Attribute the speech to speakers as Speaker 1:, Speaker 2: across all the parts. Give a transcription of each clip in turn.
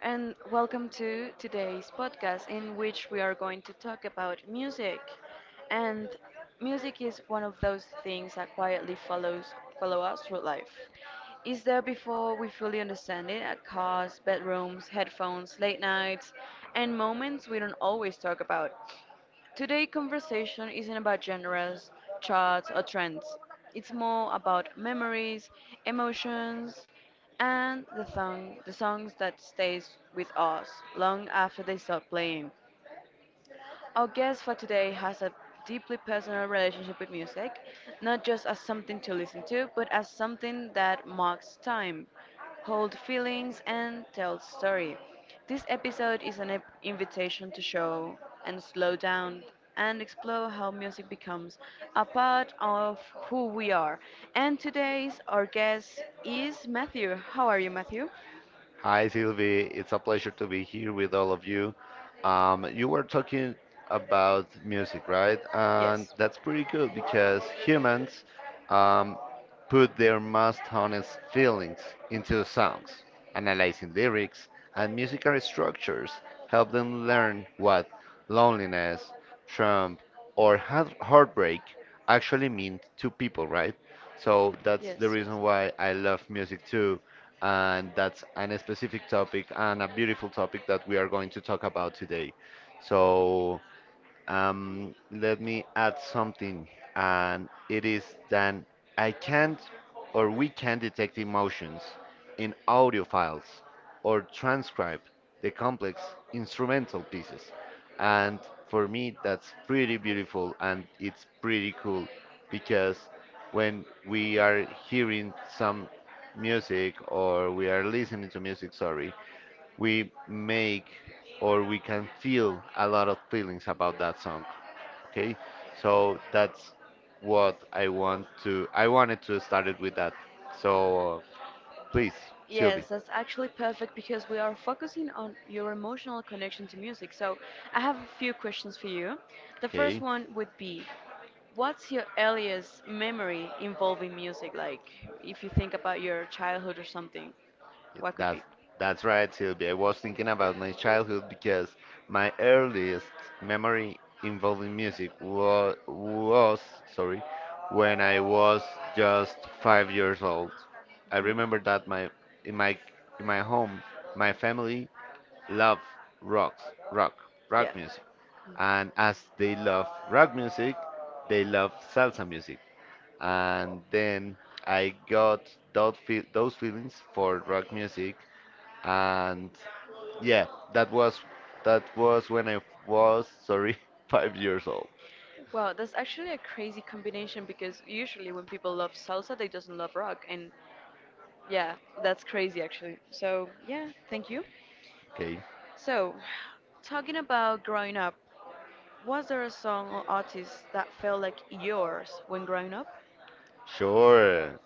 Speaker 1: and welcome to today's podcast in which we are going to talk about music. And music is one of those things that quietly follows follow us through life. Is there before we fully understand it at cars, bedrooms, headphones, late nights, and moments we don't always talk about. Today conversation isn't about genres, charts or trends. It's more about memories, emotions, and the songs that stays with us long after they stop playing. Our guest for today has a deeply personal relationship with music, not just as something to listen to, but as something that marks time, holds feelings, and tells story. This episode is an invitation to show and slow down and explore how music becomes a part of who we are. And today's our guest is Matthew. How are you, Matthew?
Speaker 2: Hi, Sylvie. It's a pleasure to be here with all of you. You were talking about music, right? And that's pretty good because humans um, put their most honest feelings into songs, analyzing lyrics and musical structures, help them learn what loneliness, trump, or heartbreak actually mean to people, right? So that's the reason why I love music too. And
Speaker 1: That's
Speaker 2: that's an
Speaker 1: any
Speaker 2: specific
Speaker 1: specific topic
Speaker 2: topic
Speaker 1: I'm
Speaker 2: and a
Speaker 1: going to
Speaker 2: beautiful
Speaker 1: talk
Speaker 2: topic
Speaker 1: about
Speaker 2: that we
Speaker 1: here
Speaker 2: are going to
Speaker 1: today. So,
Speaker 2: talk about today. So
Speaker 1: let me
Speaker 2: let
Speaker 1: add
Speaker 2: me add
Speaker 1: something.
Speaker 2: something, and
Speaker 1: It
Speaker 2: it is
Speaker 1: is
Speaker 2: that
Speaker 1: that
Speaker 2: I
Speaker 1: I can
Speaker 2: can't or we
Speaker 1: create
Speaker 2: can detect
Speaker 1: motion
Speaker 2: emotions
Speaker 1: in
Speaker 2: in audio
Speaker 1: my
Speaker 2: files
Speaker 1: or
Speaker 2: or
Speaker 1: transport
Speaker 2: transcribe the
Speaker 1: the
Speaker 2: complex
Speaker 1: instruments,
Speaker 2: instrumental
Speaker 1: and
Speaker 2: pieces. And
Speaker 1: for
Speaker 2: for
Speaker 1: me
Speaker 2: me,
Speaker 1: that's
Speaker 2: that's
Speaker 1: cool and
Speaker 2: pretty beautiful and
Speaker 1: it's
Speaker 2: it's
Speaker 1: pretty
Speaker 2: pretty cool
Speaker 1: cool.
Speaker 2: because when we are hearing some music or we are listening to music, sorry, we make or we can feel a lot of feelings about that song, okay? So that's what I wanted to start it with that. So please, Sylvie.
Speaker 1: Yes, that's actually perfect because we are focusing on your emotional connection to music. So, I have a few questions for you. The first
Speaker 2: Okay.
Speaker 1: one would be, what's your earliest memory involving music? Like, if you think about your childhood or something, what could
Speaker 2: That's
Speaker 1: be?
Speaker 2: that's right, Sylvia. I was thinking about my childhood because my earliest memory involving music was sorry, when I was just 5 years old. I remember
Speaker 1: Mhm.
Speaker 2: that my in my in my home, my family loved rocks, rock, rock
Speaker 1: Yes.
Speaker 2: music, and as they love rock music, they love salsa music, and then I got those feelings for rock music, and yeah, that was that was when I was, sorry, 5 years old.
Speaker 1: Wow, that's actually a crazy combination because usually when people love salsa, they doesn't love rock, and yeah, that's crazy actually. So yeah, thank you.
Speaker 2: Okay.
Speaker 1: So, talking about growing up, was there a song or artist that felt like yours when growing up?
Speaker 2: Sure.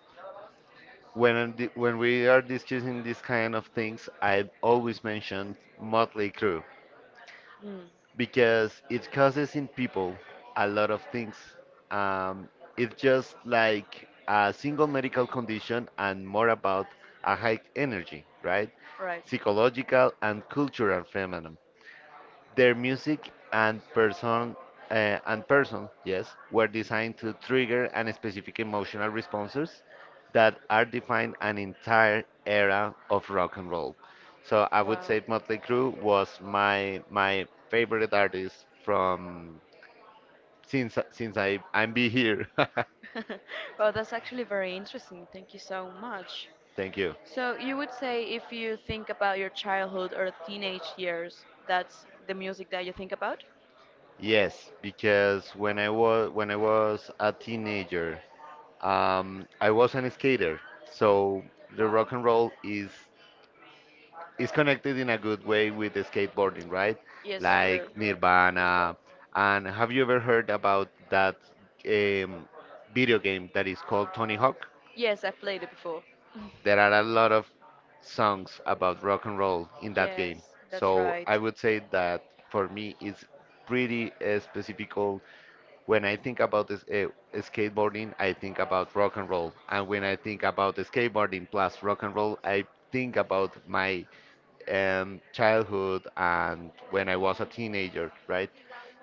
Speaker 2: When we are discussing these kind of things, I always mention Motley crew
Speaker 1: Mm,
Speaker 2: because it causes in people a lot of things. um, it's just like a single medical condition and more about a high energy, right,
Speaker 1: right.
Speaker 2: psychological and cultural phenomenon. Their music uh, and person, yes, were designed to trigger and specific emotional responses that are defined an entire era of rock and roll. So I would
Speaker 1: Wow.
Speaker 2: say Motley Crue was my favorite artist from since I'm be here.
Speaker 1: Well, that's actually very interesting. Thank you so much.
Speaker 2: Thank you.
Speaker 1: So you would say if you think about your childhood or teenage years, that's the music that you think about?
Speaker 2: Yes, because when I was a teenager, I was an skater. So the
Speaker 1: Wow.
Speaker 2: rock and roll is it's connected in a good way with the skateboarding, right?
Speaker 1: Yes,
Speaker 2: Like
Speaker 1: sure.
Speaker 2: Nirvana. And have you ever heard about that um, video game that is called Tony Hawk?
Speaker 1: Yes, I've played it before.
Speaker 2: There are a lot of songs about rock and roll in that game.
Speaker 1: Yes, that's
Speaker 2: So
Speaker 1: right.
Speaker 2: I would say that for me, it's pretty specific. When I think about this, skateboarding, I think about rock and roll. And when I think about skateboarding plus rock and roll, I think about my childhood and when I was a teenager, right?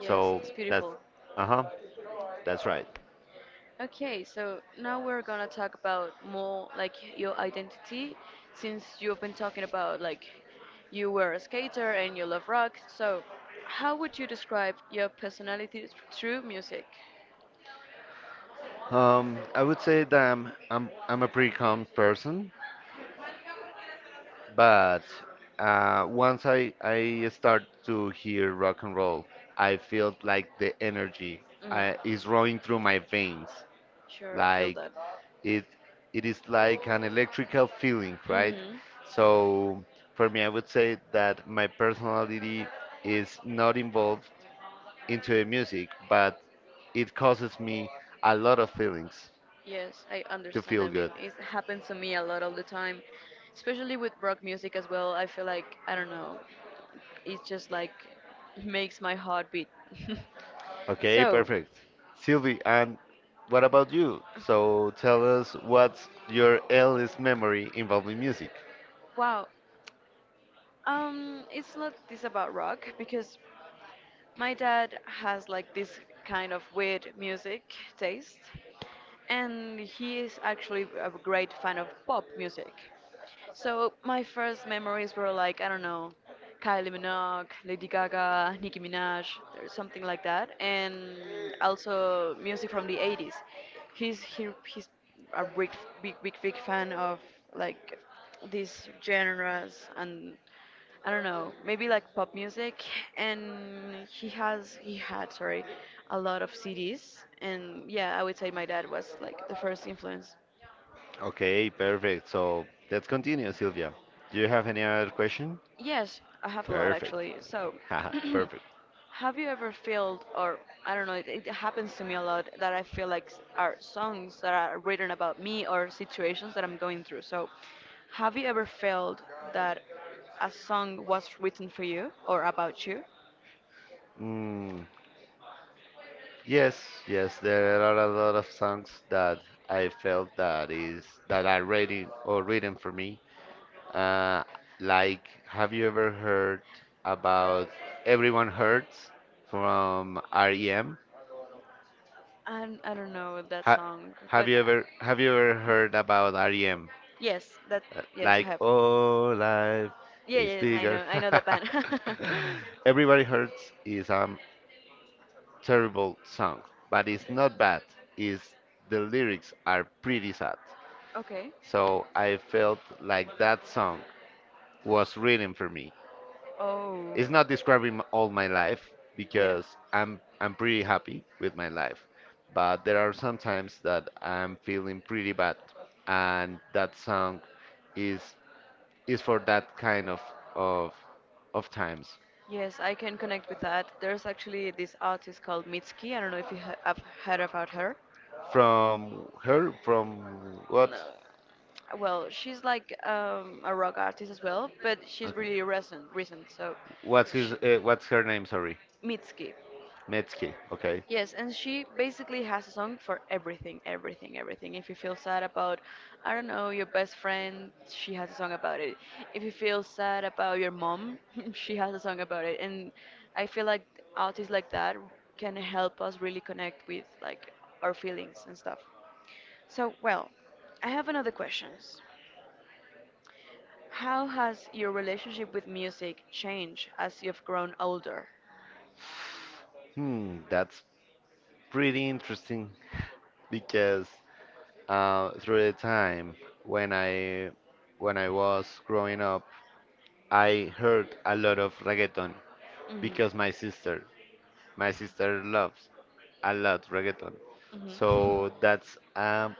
Speaker 1: Yes, that's
Speaker 2: that's
Speaker 1: beautiful.
Speaker 2: uh huh, that's right.
Speaker 1: Okay, so now we're gonna talk about more like your identity since you've been talking about like you were a skater and you love rock. So, how would you describe your personality through music?
Speaker 2: I would say that I'm a pretty calm person, but once I start to hear rock and roll, I feel like the energy
Speaker 1: Mm.
Speaker 2: is running through my veins,
Speaker 1: Sure, I feel
Speaker 2: like.
Speaker 1: that.
Speaker 2: it it is like an electrical feeling, right?
Speaker 1: Mm-hmm.
Speaker 2: So for me, I would say that my personality is not involved into the music, but it causes me a lot of feelings
Speaker 1: Yes, I
Speaker 2: to
Speaker 1: understand. I
Speaker 2: feel
Speaker 1: mean,
Speaker 2: good.
Speaker 1: it happens to me a lot all the time, especially with rock music as well. I feel like, I don't know, it just like makes my heart beat.
Speaker 2: Okay,
Speaker 1: So,
Speaker 2: perfect. Sylvie, and what about you? So tell us, what's your earliest memory involving music?
Speaker 1: wow. It's not this about rock because my dad has like this kind of weird music taste, and he is actually a great fan of pop music. So my first memories were like I don't know, Kylie Minogue, Lady Gaga, Nicki Minaj, or something like that, and also music from the 80s. He's a big big big big fan of like these genres and I don't know, maybe like pop music, and he has he had sorry, a lot of CDs, and yeah, I would say my dad was like the first influence.
Speaker 2: Okay, perfect. So let's continue, Sylvia. Do you have any other question?
Speaker 1: Yes, I have a lot
Speaker 2: Perfect.
Speaker 1: actually. So,
Speaker 2: Haha. Perfect.
Speaker 1: have you ever felt, or I don't know, it happens to me a lot that I feel like are songs that are written about me or situations that I'm going through. So, have you ever felt that a song was written for you or about you?
Speaker 2: Mm, yes, yes, there are a lot of songs that I felt that are ready or written for me. Uh, like, have you ever heard about "Everyone Hurts" from REM?
Speaker 1: And I don't know that
Speaker 2: Ha
Speaker 1: song, but
Speaker 2: have you ever heard about REM?
Speaker 1: yes, that yes, I
Speaker 2: Like,
Speaker 1: have.
Speaker 2: oh, life
Speaker 1: Yeah,
Speaker 2: is
Speaker 1: yes, I
Speaker 2: bigger.
Speaker 1: know, I know that band.
Speaker 2: Everybody Hurts is terrible song, but it's not bad. It's the lyrics are pretty sad.
Speaker 1: Okay.
Speaker 2: So I felt like that song was written for me.
Speaker 1: Oh.
Speaker 2: It's not describing all my life
Speaker 1: Yes.
Speaker 2: because I'm pretty happy with my life, but there are some times that I'm feeling pretty bad, and that song is is for that kind of of times.
Speaker 1: Yes, I can connect with that. There's actually this artist called Mitski. I don't know if you have heard about her.
Speaker 2: From her, from what?
Speaker 1: No. Well, she's like a rock artist as well, but she's
Speaker 2: Okay.
Speaker 1: really recent, recent. So,
Speaker 2: What's his?
Speaker 1: she,
Speaker 2: What's her name? Sorry,
Speaker 1: Mitski.
Speaker 2: Metzke. Okay.
Speaker 1: Yes, and she basically has a song for everything, everything, everything. If you feel sad about, I don't know, your best friend, she has a song about it. If you feel sad about your mom, she has a song about it. And I feel like artists like that can help us really connect with like our feelings and stuff. So, well, I have another questions. How has your relationship with music changed as you've grown older?
Speaker 2: Hmm, that's pretty interesting, because through the time, when I when I was growing up, I heard a lot of reggaeton,
Speaker 1: Hmm.
Speaker 2: because my sister loves a lot reggaeton.
Speaker 1: Mm-hmm.
Speaker 2: So that's,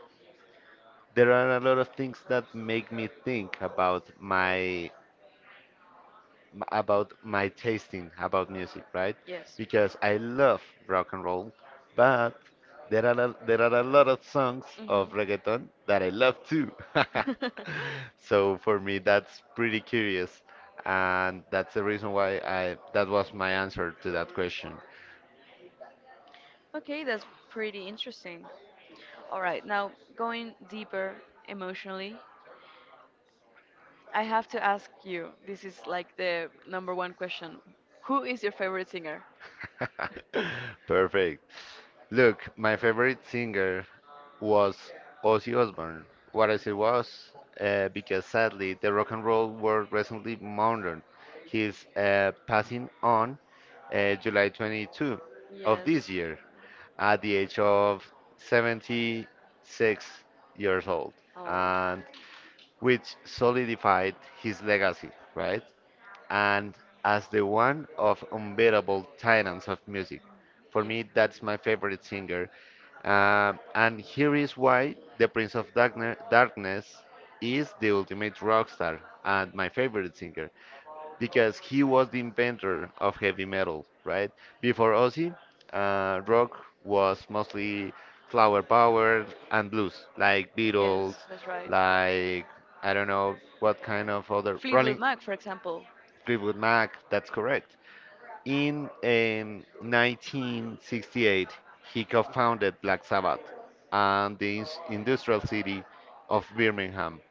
Speaker 2: there are a lot of things that make me think about my tasting about music, right?
Speaker 1: Yes.
Speaker 2: Because I love rock and roll, but there are a lot of songs of
Speaker 1: Mm-hmm.
Speaker 2: reggaeton that I love too. So for me, that's pretty curious, and that's the reason why I that was my answer to that question.
Speaker 1: Okay, that's pretty interesting. All right, now going deeper emotionally, I have to ask you, this is like the number one question. Who is your favorite singer?
Speaker 2: Perfect. Look, my favorite singer was Ozzy Osbourne. What as it was, because sadly, the rock and roll world recently mourned his passing on July 22 of
Speaker 1: Yes.
Speaker 2: this year at the age of 76 years old,
Speaker 1: Oh.
Speaker 2: and which solidified his legacy, right, and as the one of unbeatable titans of music. For me, that's my favorite singer. And here is why. The Prince of Darkness is the ultimate rock star and my favorite singer because he was the inventor of heavy metal, right? Before Ozzy, rock was mostly flower power and blues, like Beatles,
Speaker 1: Yes, that's right.
Speaker 2: like I don't know what kind of other
Speaker 1: Fleetwood
Speaker 2: Rolling.
Speaker 1: Mac, for example.
Speaker 2: Fleetwood Mac, that's correct. In 1968, he co founded Black Sabbath and the industrial city of Birmingham.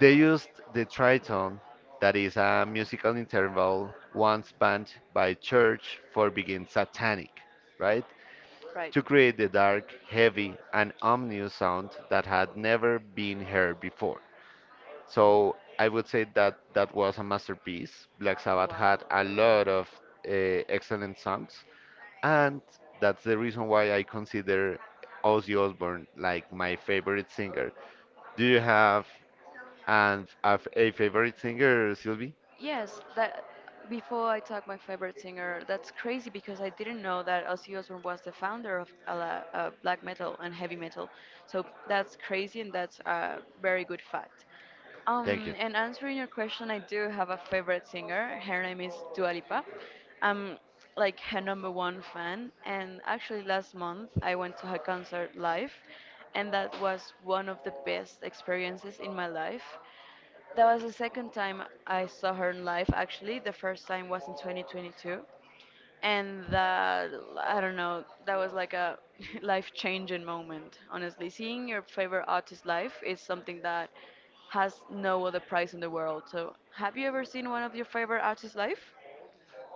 Speaker 2: They used the tritone, that is a musical interval once banned by church for being satanic, right?
Speaker 1: Right.
Speaker 2: To create the dark, heavy, and ominous sound that had never been heard before. So I would say that that was a masterpiece. Black Sabbath
Speaker 1: Wow.
Speaker 2: had a lot of excellent songs, and that's the reason why I consider Ozzy Osbourne like my favorite singer. Do you have a favorite singer, Sylvie?
Speaker 1: Yes, that before I talk my favorite singer, that's crazy because I didn't know that Ozzy Osbourne was the founder of black metal and heavy metal. So that's crazy and that's a very good fact.
Speaker 2: Thank
Speaker 1: Um,
Speaker 2: you.
Speaker 1: and answering your question, I do have a favorite singer. Her name is Dua Lipa. I'm like her number one fan, and actually last month I went to her concert live, and that was one of the best experiences in my life. That was the second time I saw her in live, actually. The first time was in 2022. And that, I don't know, that was like a life changing moment, honestly. Seeing your favorite artist live is something that has no other price in the world. So, have you ever seen one of your favorite artists live?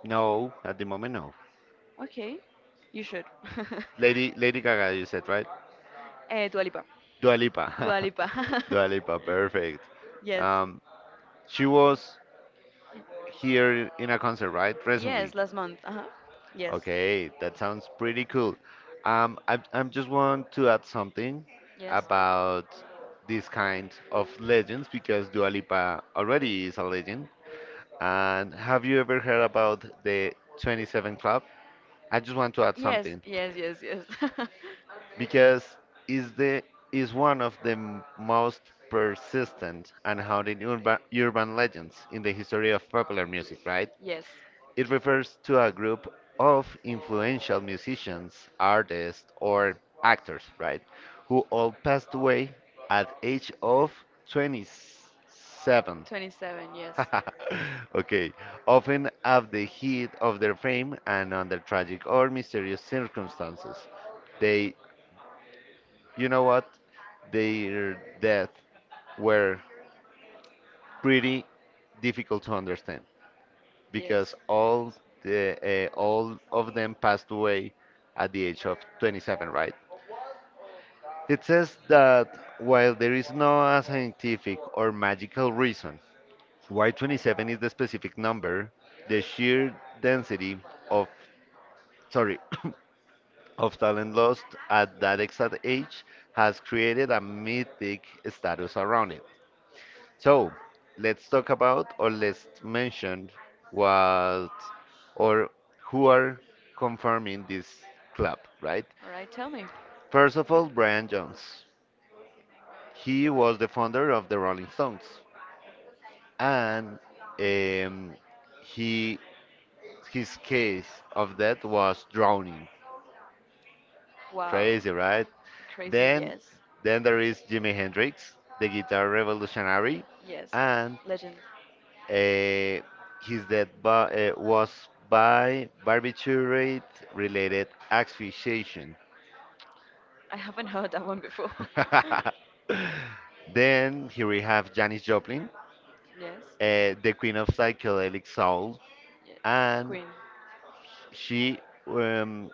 Speaker 2: No, at the moment, no.
Speaker 1: Okay, you should.
Speaker 2: Lady Gaga, you said, right?
Speaker 1: Dua Lipa.
Speaker 2: Dua Lipa.
Speaker 1: Dua Lipa.
Speaker 2: Dua Lipa, perfect.
Speaker 1: Yes.
Speaker 2: Um, she was here in a concert, right?
Speaker 1: Yes,
Speaker 2: Recently.
Speaker 1: last month. Uh-huh. Yes.
Speaker 2: Okay, that sounds pretty cool. I just want to add something
Speaker 1: Yes.
Speaker 2: about this kind of legends because Dua Lipa already is a legend. And have you ever heard about the 27 Club? I just want to add
Speaker 1: Yes,
Speaker 2: something
Speaker 1: yes, yes, yes.
Speaker 2: because is the is one of the most persistent and haunted urban legends in the history of popular music, right?
Speaker 1: Yes.
Speaker 2: It refers to a group of influential musicians, artists, or actors, right, who all passed away at age of 27.
Speaker 1: 27, yes.
Speaker 2: Okay. Often at the heat of their fame and under tragic or mysterious circumstances. They, you know what? Their death were pretty difficult to understand because
Speaker 1: Yes.
Speaker 2: all of them passed away at the age of 27, right? It says that while there is no scientific or magical reason y 27 is the specific number, the sheer density of, sorry, of talent lost at that exact age has created a mythic status around it. So let's talk about, or let's mention, what or who are confirming this club, right?
Speaker 1: All right, tell me.
Speaker 2: First of all, Brian Jones. He was the founder of the Rolling Stones, and um, he his case of death was drowning.
Speaker 1: Wow.
Speaker 2: Crazy, right?
Speaker 1: Crazy,
Speaker 2: Then, then there is Jimi Hendrix, the guitar revolutionary,
Speaker 1: yes. Yes.
Speaker 2: and
Speaker 1: Legend.
Speaker 2: uh, his death was by barbiturate-related asphyxiation.
Speaker 1: I haven't heard that one before.
Speaker 2: Then here we have Janis Joplin,
Speaker 1: Yes.
Speaker 2: the queen of psychedelic soul,
Speaker 1: Yes.
Speaker 2: and
Speaker 1: Queen.
Speaker 2: she. Um,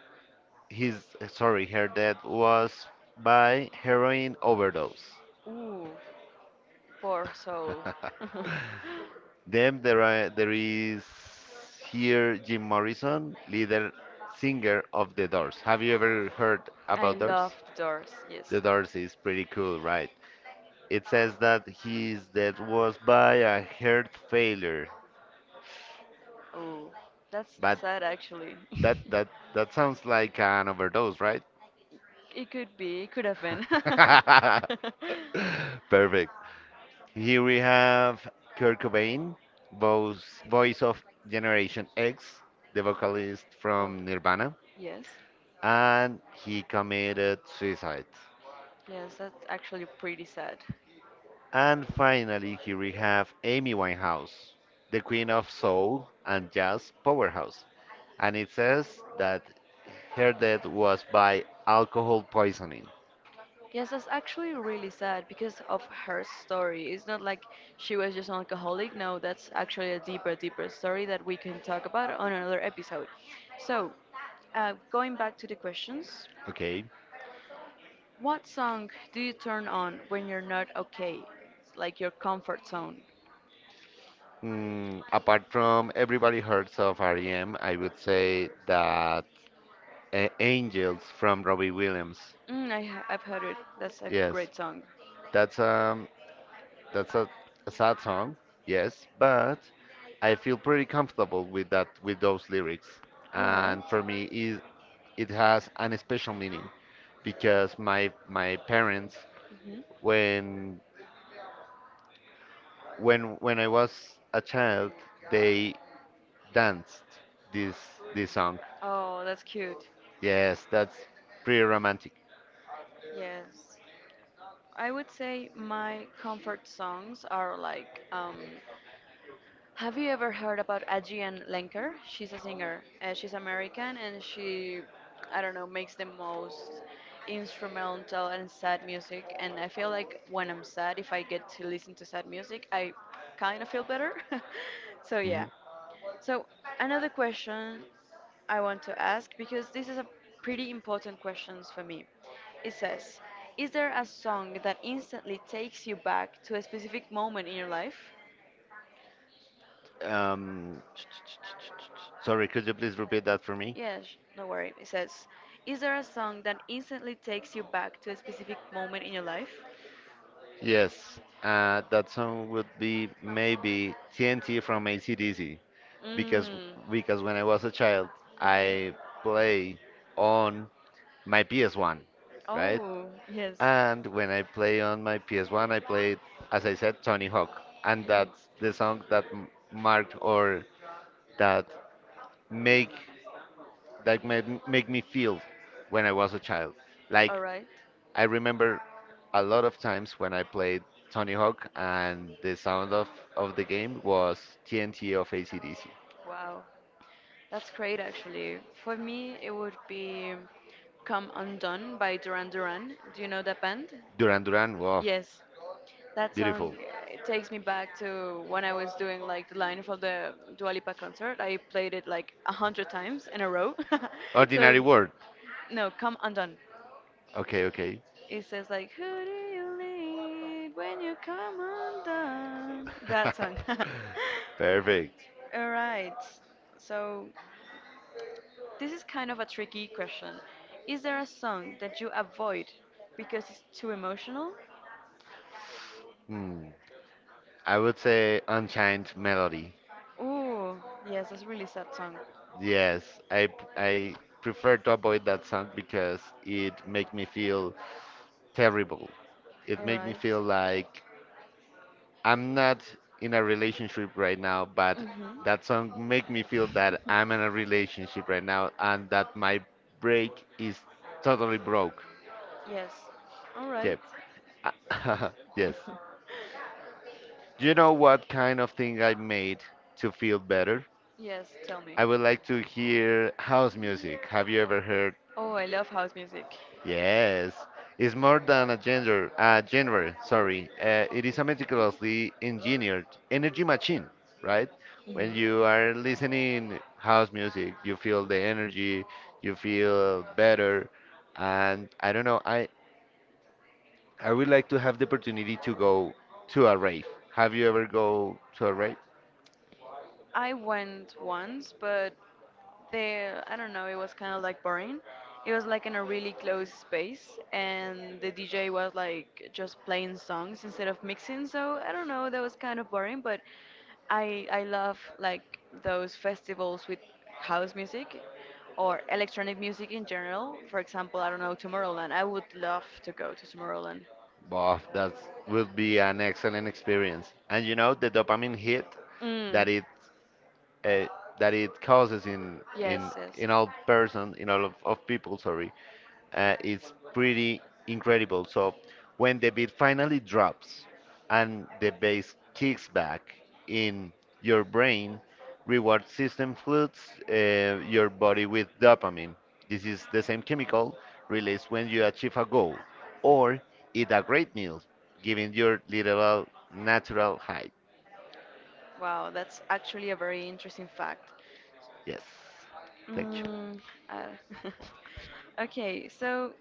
Speaker 2: his sorry, her death was by heroin overdose.
Speaker 1: Ooh, poor soul.
Speaker 2: Then there is here Jim Morrison, leader singer of The Doors. Have you ever heard
Speaker 1: I
Speaker 2: about Doors?
Speaker 1: love the doors, yes.
Speaker 2: The Doors is pretty cool, right? It says that his death was by a heart failure,
Speaker 1: Like, ooh, that's
Speaker 2: but
Speaker 1: sad actually.
Speaker 2: that that that sounds like an overdose, right?
Speaker 1: It could be, it could have been.
Speaker 2: Perfect. Here we have Kurt Cobain, voice of Generation X, the vocalist
Speaker 1: Oh,
Speaker 2: from Nirvana,
Speaker 1: yes.
Speaker 2: and he committed suicide.
Speaker 1: Yes, that's actually pretty sad.
Speaker 2: And finally, here we have Amy Winehouse, the queen of soul and jazz powerhouse. And it says that her death was by alcohol poisoning.
Speaker 1: Yes, that's actually really sad because of her story. It's not like she was just an alcoholic. No, that's actually a deeper, deeper story that we can talk about on another episode. So, going back to the questions,
Speaker 2: Okay.
Speaker 1: what song do you turn on when you're not okay? Like your comfort zone.
Speaker 2: Apart from Everybody Hurts of REM, I would say that Angels from Robbie Williams.
Speaker 1: I've heard it. That's a
Speaker 2: Yes,
Speaker 1: great song.
Speaker 2: that's, that's a, a sad song, yes, but I feel pretty comfortable with those lyrics.
Speaker 1: All right.
Speaker 2: And for me, it has an special meaning because my parents,
Speaker 1: Mm-hmm.
Speaker 2: when when I was a child, they danced this this song.
Speaker 1: Oh, that's cute.
Speaker 2: Yes, that's pretty romantic.
Speaker 1: Yes. I would say my comfort songs are like have you ever heard about Adrienne Lenker? She's a singer. She's American and she, I don't know, makes the most instrumental and sad music. And I feel like when I'm sad, if I get to listen to sad music, I kind of feel better. So, yeah. So, another question I want to ask because this is a pretty important question for me. It says, is there a song that instantly takes you back to a specific moment in your life?
Speaker 2: Um, Sorry, could you please repeat that for me?
Speaker 1: Yes, no worry. It says, is there a song that instantly takes you back to a specific moment in your life?
Speaker 2: Yes, that song would be maybe TNT from AC/DC
Speaker 1: Mm.
Speaker 2: because
Speaker 1: Mhm.
Speaker 2: because when I was a child, I play on my PS1, right?
Speaker 1: Oh, yes.
Speaker 2: And when I play on my PS1, I played, as I said, Tony Hawk, and
Speaker 1: Mhm.
Speaker 2: that's the song that marked, or that make that made, make me feel when I was a child. Like,
Speaker 1: All right.
Speaker 2: I remember a lot of times when I played Tony Hawk and the sound of the game was TNT of AC/DC.
Speaker 1: Wow. That's great, actually. For me, it would be Come Undone by Duran Duran. Do you know that band?
Speaker 2: Duran Duran, wow,
Speaker 1: Yes. That song
Speaker 2: beautiful.
Speaker 1: it takes me back to when I was doing like the line from the Dua Lipa concert. I played it like 100 times in a row. But did so,
Speaker 2: Ordinary
Speaker 1: it work?
Speaker 2: word.
Speaker 1: No, Come Undone.
Speaker 2: Okay, okay.
Speaker 1: It says like, who do you lead when you come undone? That song.
Speaker 2: Perfect.
Speaker 1: All right. So, this is kind of a tricky question. Is there a song that you avoid because it's too emotional?
Speaker 2: Hmm. I would say Unchained Melody.
Speaker 1: Ooh, yes, that's a really sad song.
Speaker 2: Yes, I prefer to avoid that song because it make me feel terrible. It
Speaker 1: All
Speaker 2: make me
Speaker 1: right.
Speaker 2: feel like I'm not in a relationship right now, but
Speaker 1: Mhm.
Speaker 2: that song make me feel that I'm in a relationship right now and that my break is totally broke.
Speaker 1: Yes. All right.
Speaker 2: Yep. Uh, Yes. Do you know what kind of thing I made to feel better?
Speaker 1: Yes, tell me.
Speaker 2: I would like to hear house music. Have you ever heard?
Speaker 1: Oh, I love house music.
Speaker 2: Yes, it's more than a gender, a genre, sorry. It is a meticulously engineered energy machine, right?
Speaker 1: Hmm.
Speaker 2: When you are listening house music, you feel the energy, you feel better, and I don't know, I would like to have the opportunity to go to a rave. Have you ever go to a rave?
Speaker 1: I went once, but the I don't know, it was kind of like boring. It was like in a really closed space, and the DJ was like just playing songs instead of mixing. So I don't know, that was kind of boring, but I love like those festivals with house music or electronic music in general. For example, I don't know, Tomorrowland. I would love to go to Tomorrowland.
Speaker 2: Bof, that would be an excellent experience. And you know the dopamine hit
Speaker 1: Mm.
Speaker 2: that it uh, that it causes in
Speaker 1: Yes,
Speaker 2: in
Speaker 1: yes.
Speaker 2: in all person in all of people, sorry, is pretty incredible. So when the beat finally drops and the bass kicks back in, your brain reward system floods your body with dopamine. This is the same chemical released when you achieve a goal or eat a great meal, giving your literal natural high.
Speaker 1: Wow, that's actually a very interesting fact.
Speaker 2: Yes, thank you.
Speaker 1: Mm, uh, okay, so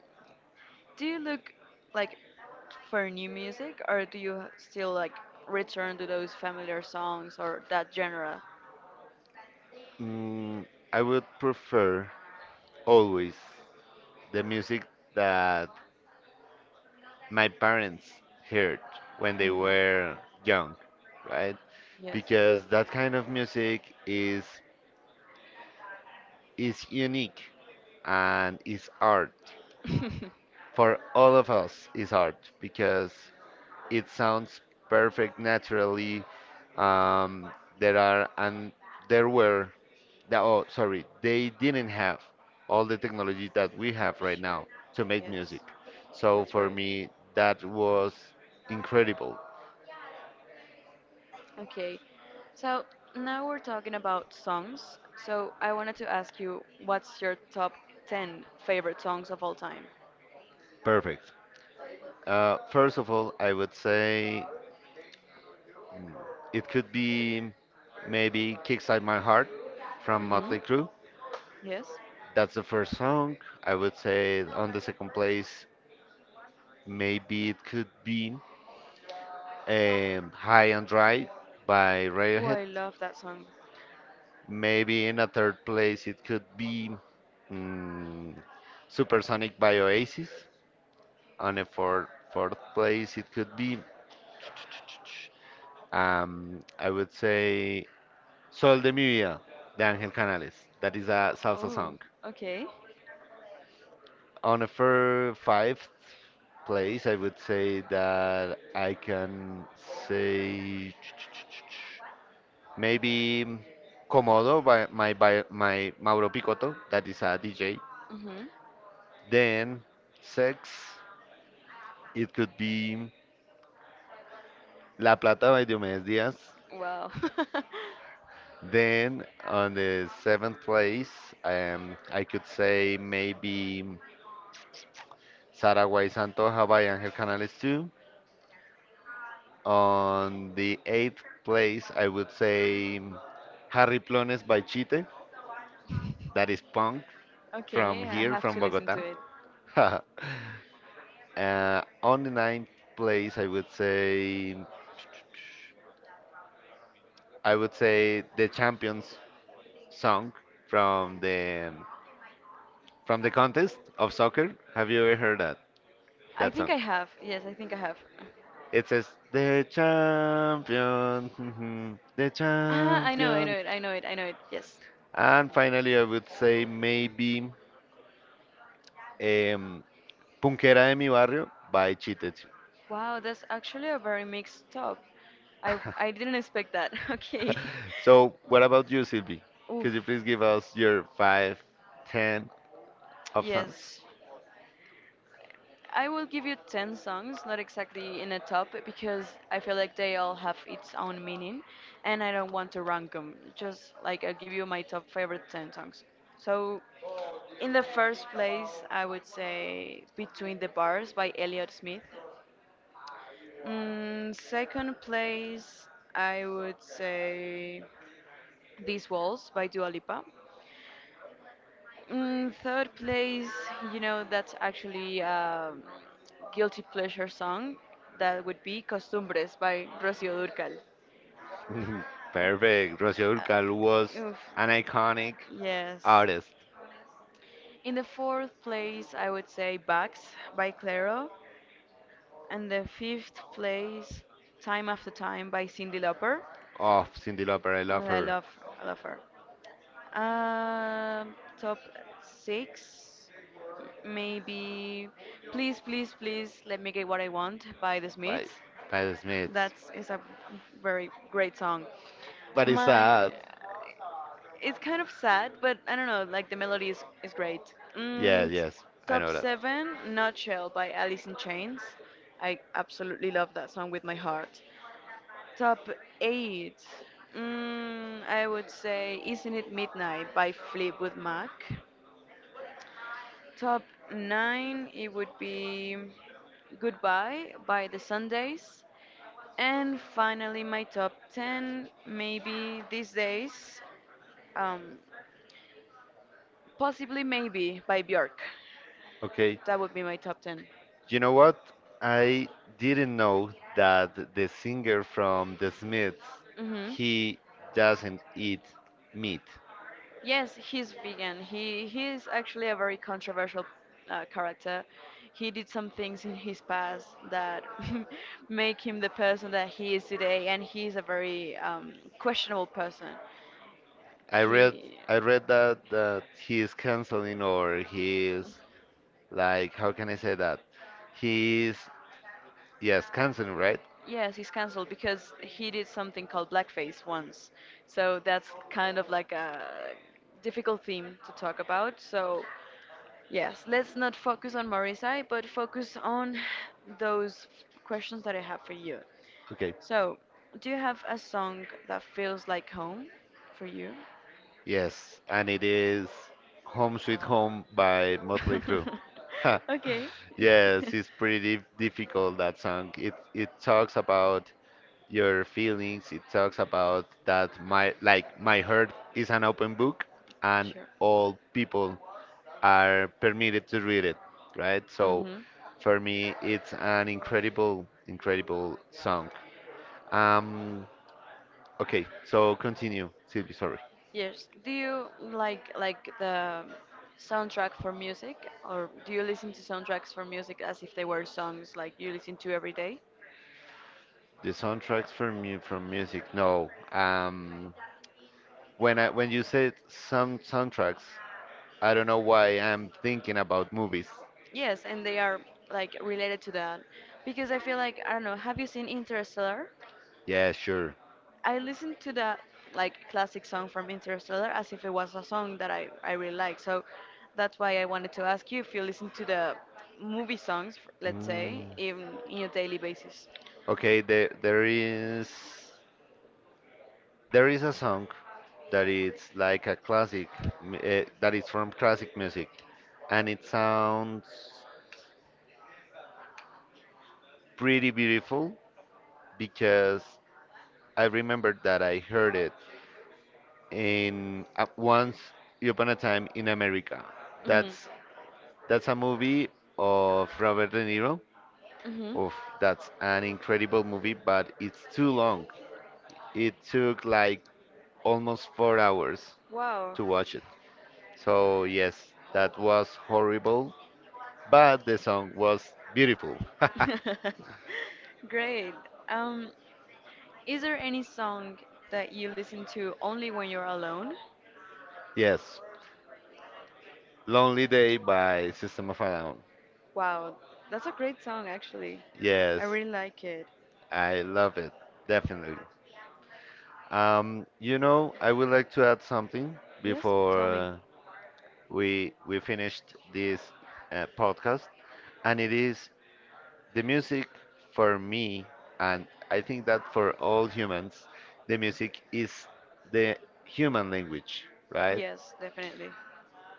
Speaker 1: do you look like for new music, or do you still like return to those familiar songs or that genre?
Speaker 2: Mm, I would prefer always the music that my parents heard when they
Speaker 1: Mm.
Speaker 2: were young, right?
Speaker 1: Yes.
Speaker 2: Because that kind of music is unique and is art. For all of us is art because it sounds perfect naturally. Um, there are and there were, oh, sorry, they didn't have all the technology that we have right
Speaker 1: Sure.
Speaker 2: now to make
Speaker 1: Yes.
Speaker 2: music. So
Speaker 1: That's
Speaker 2: for
Speaker 1: right.
Speaker 2: me, that was incredible.
Speaker 1: Okay. So now we're talking about songs. So I wanted to ask you, what's your top 10 favorite songs of all time?
Speaker 2: Perfect. First of all, I would say it could be maybe Kickstart My Heart
Speaker 1: Oh,
Speaker 2: from
Speaker 1: hmm.
Speaker 2: Motley Crue.
Speaker 1: Yes.
Speaker 2: That's the first song. I would say on the second place, maybe it could be. High and Dry by
Speaker 1: Oh,
Speaker 2: Radiohead.
Speaker 1: I love that song.
Speaker 2: Maybe in a third place it could be, mm, Supersonic by Oasis. On a fourth place it could be, I would say Sol de mi vida de Ángel Canales. That is a salsa
Speaker 1: Oh,
Speaker 2: song.
Speaker 1: okay.
Speaker 2: On a fifth place, I would say that I can say. Maybe, mm, Komodo by my Mauro Picotto, that is a DJ.
Speaker 1: Mhm.
Speaker 2: Then Sex, it could be La Plata by Diomedes Diaz.
Speaker 1: Wow.
Speaker 2: Then on the seventh place, I could say maybe Saraguay Santoja by Angel Canales too. On the eighth place, I would say Harry Plones by Chite, that is punk from
Speaker 1: Okay, I
Speaker 2: here,
Speaker 1: have
Speaker 2: from
Speaker 1: to listen to
Speaker 2: Bogota.
Speaker 1: it.
Speaker 2: On the ninth place, I would say the champions song from the from the contest of soccer. Have you ever heard that
Speaker 1: I
Speaker 2: that
Speaker 1: think
Speaker 2: song?
Speaker 1: I have. Yes, I think I have.
Speaker 2: It says the champion, the
Speaker 1: Ah, I know
Speaker 2: champion.
Speaker 1: it, I know it, I know it. Yes.
Speaker 2: And finally, I would say maybe, um, Punquera de mi barrio by Cheated.
Speaker 1: Wow, that's actually a very mixed top. I didn't expect that. Okay.
Speaker 2: So, what about you, Sylvie?
Speaker 1: Oof.
Speaker 2: Could you please give us your five, ten? Absence.
Speaker 1: Yes. I will give you 10 songs, not exactly in a top, because I feel like they all have its own meaning and I don't want to rank them. Just like I'll give you my top favorite 10 songs. So, in the first place, I would say Between the Bars by Elliott Smith. Second place, I would say These Walls by Dua Lipa. Third place, that's actually a guilty pleasure song. That would be Costumbres by Rocío Dúrcal.
Speaker 2: Perfect. Rocío Dúrcal was
Speaker 1: Oof.
Speaker 2: an iconic
Speaker 1: Yes.
Speaker 2: artist
Speaker 1: In the fourth place, I would say Bugs by Clairo. And the fifth place, Time After Time by Cyndi Lauper.
Speaker 2: of Cyndi Lauper. I love
Speaker 1: Oh,
Speaker 2: her.
Speaker 1: I love her. Um, Top six, maybe. Please, please, please, let me get what I want by The
Speaker 2: By,
Speaker 1: Smiths.
Speaker 2: by the Smiths.
Speaker 1: That's is a very great song.
Speaker 2: But it's
Speaker 1: My,
Speaker 2: sad.
Speaker 1: it's kind of sad, but I don't know. Like the melody is great.
Speaker 2: Yes,
Speaker 1: Mm,
Speaker 2: yes. I
Speaker 1: top
Speaker 2: know that.
Speaker 1: seven, Nutshell by Alice in Chains. I absolutely love that song with my heart. Top 8. I would say Isn't It Midnight by Fleetwood Mac. Top 9, it would be Goodbye by The Sundays. And finally, my top 10, maybe these days, um, possibly maybe by Björk.
Speaker 2: Okay.
Speaker 1: That would be my top 10.
Speaker 2: You know what? I didn't know that the singer from The Smiths,
Speaker 1: Hmm.
Speaker 2: he doesn't eat meat.
Speaker 1: Yes, he's vegan. He is actually a very controversial character. He did some things in his past that make him the person that he is today, and he is a very questionable person.
Speaker 2: I
Speaker 1: He
Speaker 2: read I read that that he is canceling or he is like, how can I say that? He's, yes, canceling, right?
Speaker 1: Yes, he's cancelled because he did something called blackface once. So that's kind of like a difficult theme to talk about. So yes, let's not focus on Morisai, but focus on those questions that I have for you.
Speaker 2: Okay.
Speaker 1: So, do you have a song that feels like home for you?
Speaker 2: Yes, and it is Home Sweet Home by Motley Crue.
Speaker 1: Okay.
Speaker 2: Yes, it's pretty difficult that song. It talks about your feelings. It talks about that my like my heart is an open book and
Speaker 1: Sure.
Speaker 2: all people are permitted to read it, right? So
Speaker 1: Hmm.
Speaker 2: for me it's an incredible song. Um okay, so continue, Sylvie, sorry.
Speaker 1: Yes. Do you like the soundtrack for music, or do you listen to soundtracks for music as if they were songs like you listen to every day?
Speaker 2: The soundtracks from mu from music. No. When I when you said some soundtracks, I don't know why I'm thinking about movies.
Speaker 1: Yes, and they are like related to that because I feel like I don't know. Have you seen Interstellar?
Speaker 2: Yeah, sure.
Speaker 1: I listened to that like classic song from Interstellar as if it was a song that I really like. So that's why I wanted to ask you if you listen to the movie songs, let's say, in your daily basis.
Speaker 2: Okay, there there is a song that it's like a classic, that is from classic music, and it sounds pretty beautiful because I remember that I heard it in, Once Upon a Time in America.
Speaker 1: Mhm.
Speaker 2: That's That's a movie of Robert De Niro.
Speaker 1: Mhm.
Speaker 2: Of, that's an incredible movie, but it's too long. It took like almost four hours
Speaker 1: Wow.
Speaker 2: to watch it. So yes, that was horrible, but the song was beautiful.
Speaker 1: Great. Um, is there any song that you listen to only when you're alone?
Speaker 2: Yes, Lonely Day by System of a Down.
Speaker 1: Wow, that's a great song actually.
Speaker 2: Yes,
Speaker 1: I really like it.
Speaker 2: I love it definitely. You know, I would like to add something
Speaker 1: Yes,
Speaker 2: before,
Speaker 1: tell me.
Speaker 2: we finished this podcast. And it is the music. For me, and I think that for all humans, the music is the human language, right?
Speaker 1: Yes, definitely.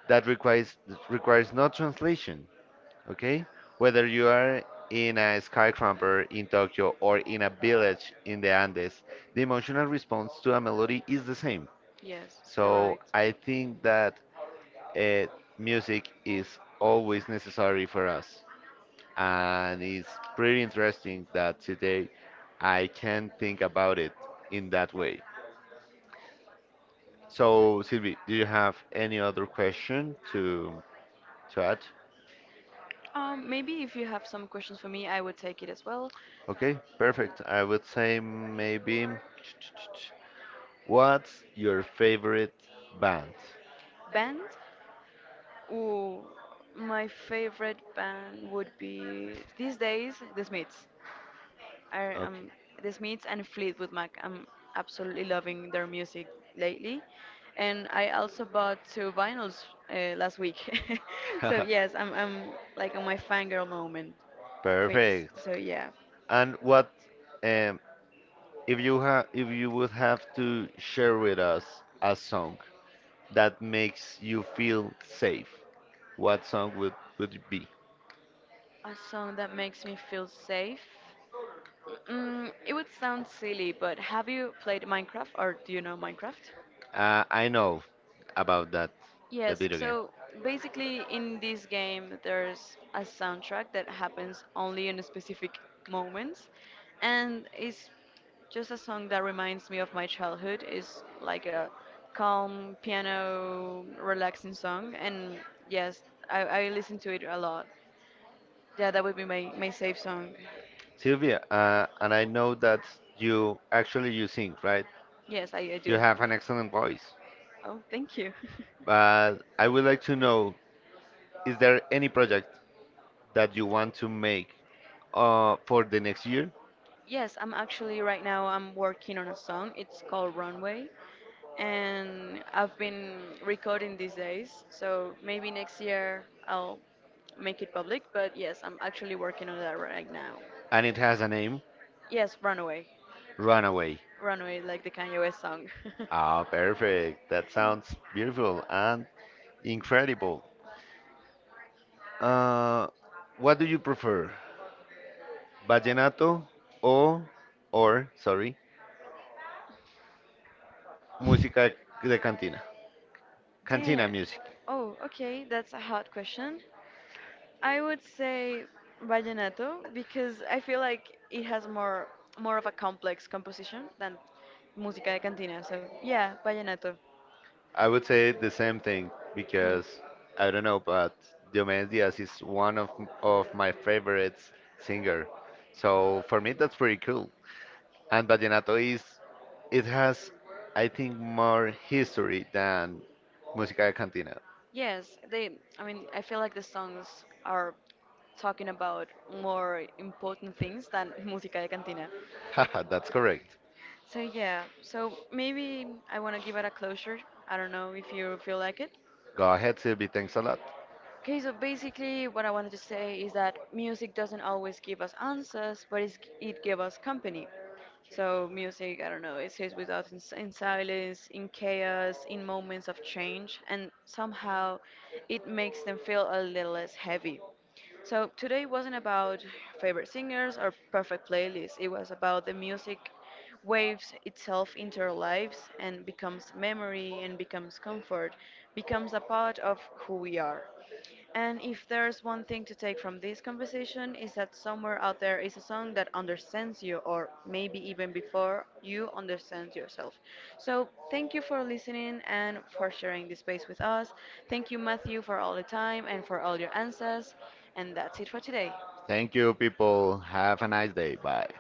Speaker 2: That requires requires no translation, okay? Whether you are in a skyscraper in Tokyo or in a village in the Andes, the emotional response to a melody is the same.
Speaker 1: Yes, you're
Speaker 2: So
Speaker 1: right.
Speaker 2: I think that uh, music is always necessary for us. And it's pretty interesting that today I can think about it in that way. So, Sylvie, do you have any other question to add?
Speaker 1: Maybe if you have some questions for me, I would take it as well.
Speaker 2: Okay, perfect. I would say maybe, what's your favorite band?
Speaker 1: Band? Ooh, my favorite band would be these days The Smiths. I
Speaker 2: Okay.
Speaker 1: The Smiths and Fleetwood Mac. I'm absolutely loving their music lately, and I also bought two vinyls last week. So yes, I'm like on my fangirl moment. Fe-
Speaker 2: Perfect.
Speaker 1: So yeah,
Speaker 2: And what, um, if you would have to share with us a song that makes you feel safe, what song would it be?
Speaker 1: a song that makes me feel safe. Mm, it would sound silly, but have you played Minecraft or do you know Minecraft?
Speaker 2: I know about that that
Speaker 1: Yes,
Speaker 2: video game.
Speaker 1: so basically in this game there's a soundtrack that happens only in specific moments and it's just a song that reminds me of my childhood. It's like a calm piano relaxing song and yes, I listen to it a lot. Yeah, that would be my safe song.
Speaker 2: Sylvia, and I know that you actually you sing, right?
Speaker 1: Yes, I
Speaker 2: You
Speaker 1: do.
Speaker 2: have an excellent voice,
Speaker 1: Oh, thank you.
Speaker 2: but I would like to know, is there any project that you want to make, for the next year?
Speaker 1: Yes, I'm actually right now I'm working on a song. It's called Runway and I've been recording these days. So maybe next year I'll make it public, but yes, I'm actually working on that right now.
Speaker 2: And it has a name,
Speaker 1: Yes, Runaway.
Speaker 2: Runaway.
Speaker 1: Runaway like the Kanye West song.
Speaker 2: Ah, perfect. That sounds beautiful. And incredible. Uh, what do you prefer, vallenato or or sorry, música de cantina? Cantina
Speaker 1: Damn.
Speaker 2: music.
Speaker 1: Oh, okay, that's a hard question. I would say vallenato because I feel like it has more of a complex composition than música de cantina. So yeah, vallenato.
Speaker 2: I would say the same thing because I don't know, but Diomedes Diaz is one of my favorites singer. So for me that's pretty cool. And vallenato is, it has I think more history than música de cantina.
Speaker 1: Yes, they. I mean, I feel like the songs are talking about more important things than música de cantina.
Speaker 2: Haha, that's correct.
Speaker 1: So yeah, so maybe I want to give it a closure. I don't know if you feel like it.
Speaker 2: Go ahead, Sylvie. Thanks a lot.
Speaker 1: Okay, so basically, what I wanted to say is that music doesn't always give us answers, but it gives us company. So, music, I don't know, it stays with us in, in silence, in chaos, in moments of change, and somehow it makes them feel a little less heavy. So, today wasn't about favorite singers or perfect playlists, it was about the music waves itself into our lives and becomes memory and becomes comfort, becomes a part of who we are. And if there's one thing to take from this conversation is that somewhere out there is a song that understands you or maybe even before you understand yourself. So thank you for listening and for sharing this space with us. Thank you Matthew for all the time and for all your answers. And that's it for today.
Speaker 2: Thank you, people. Have a nice day. Bye.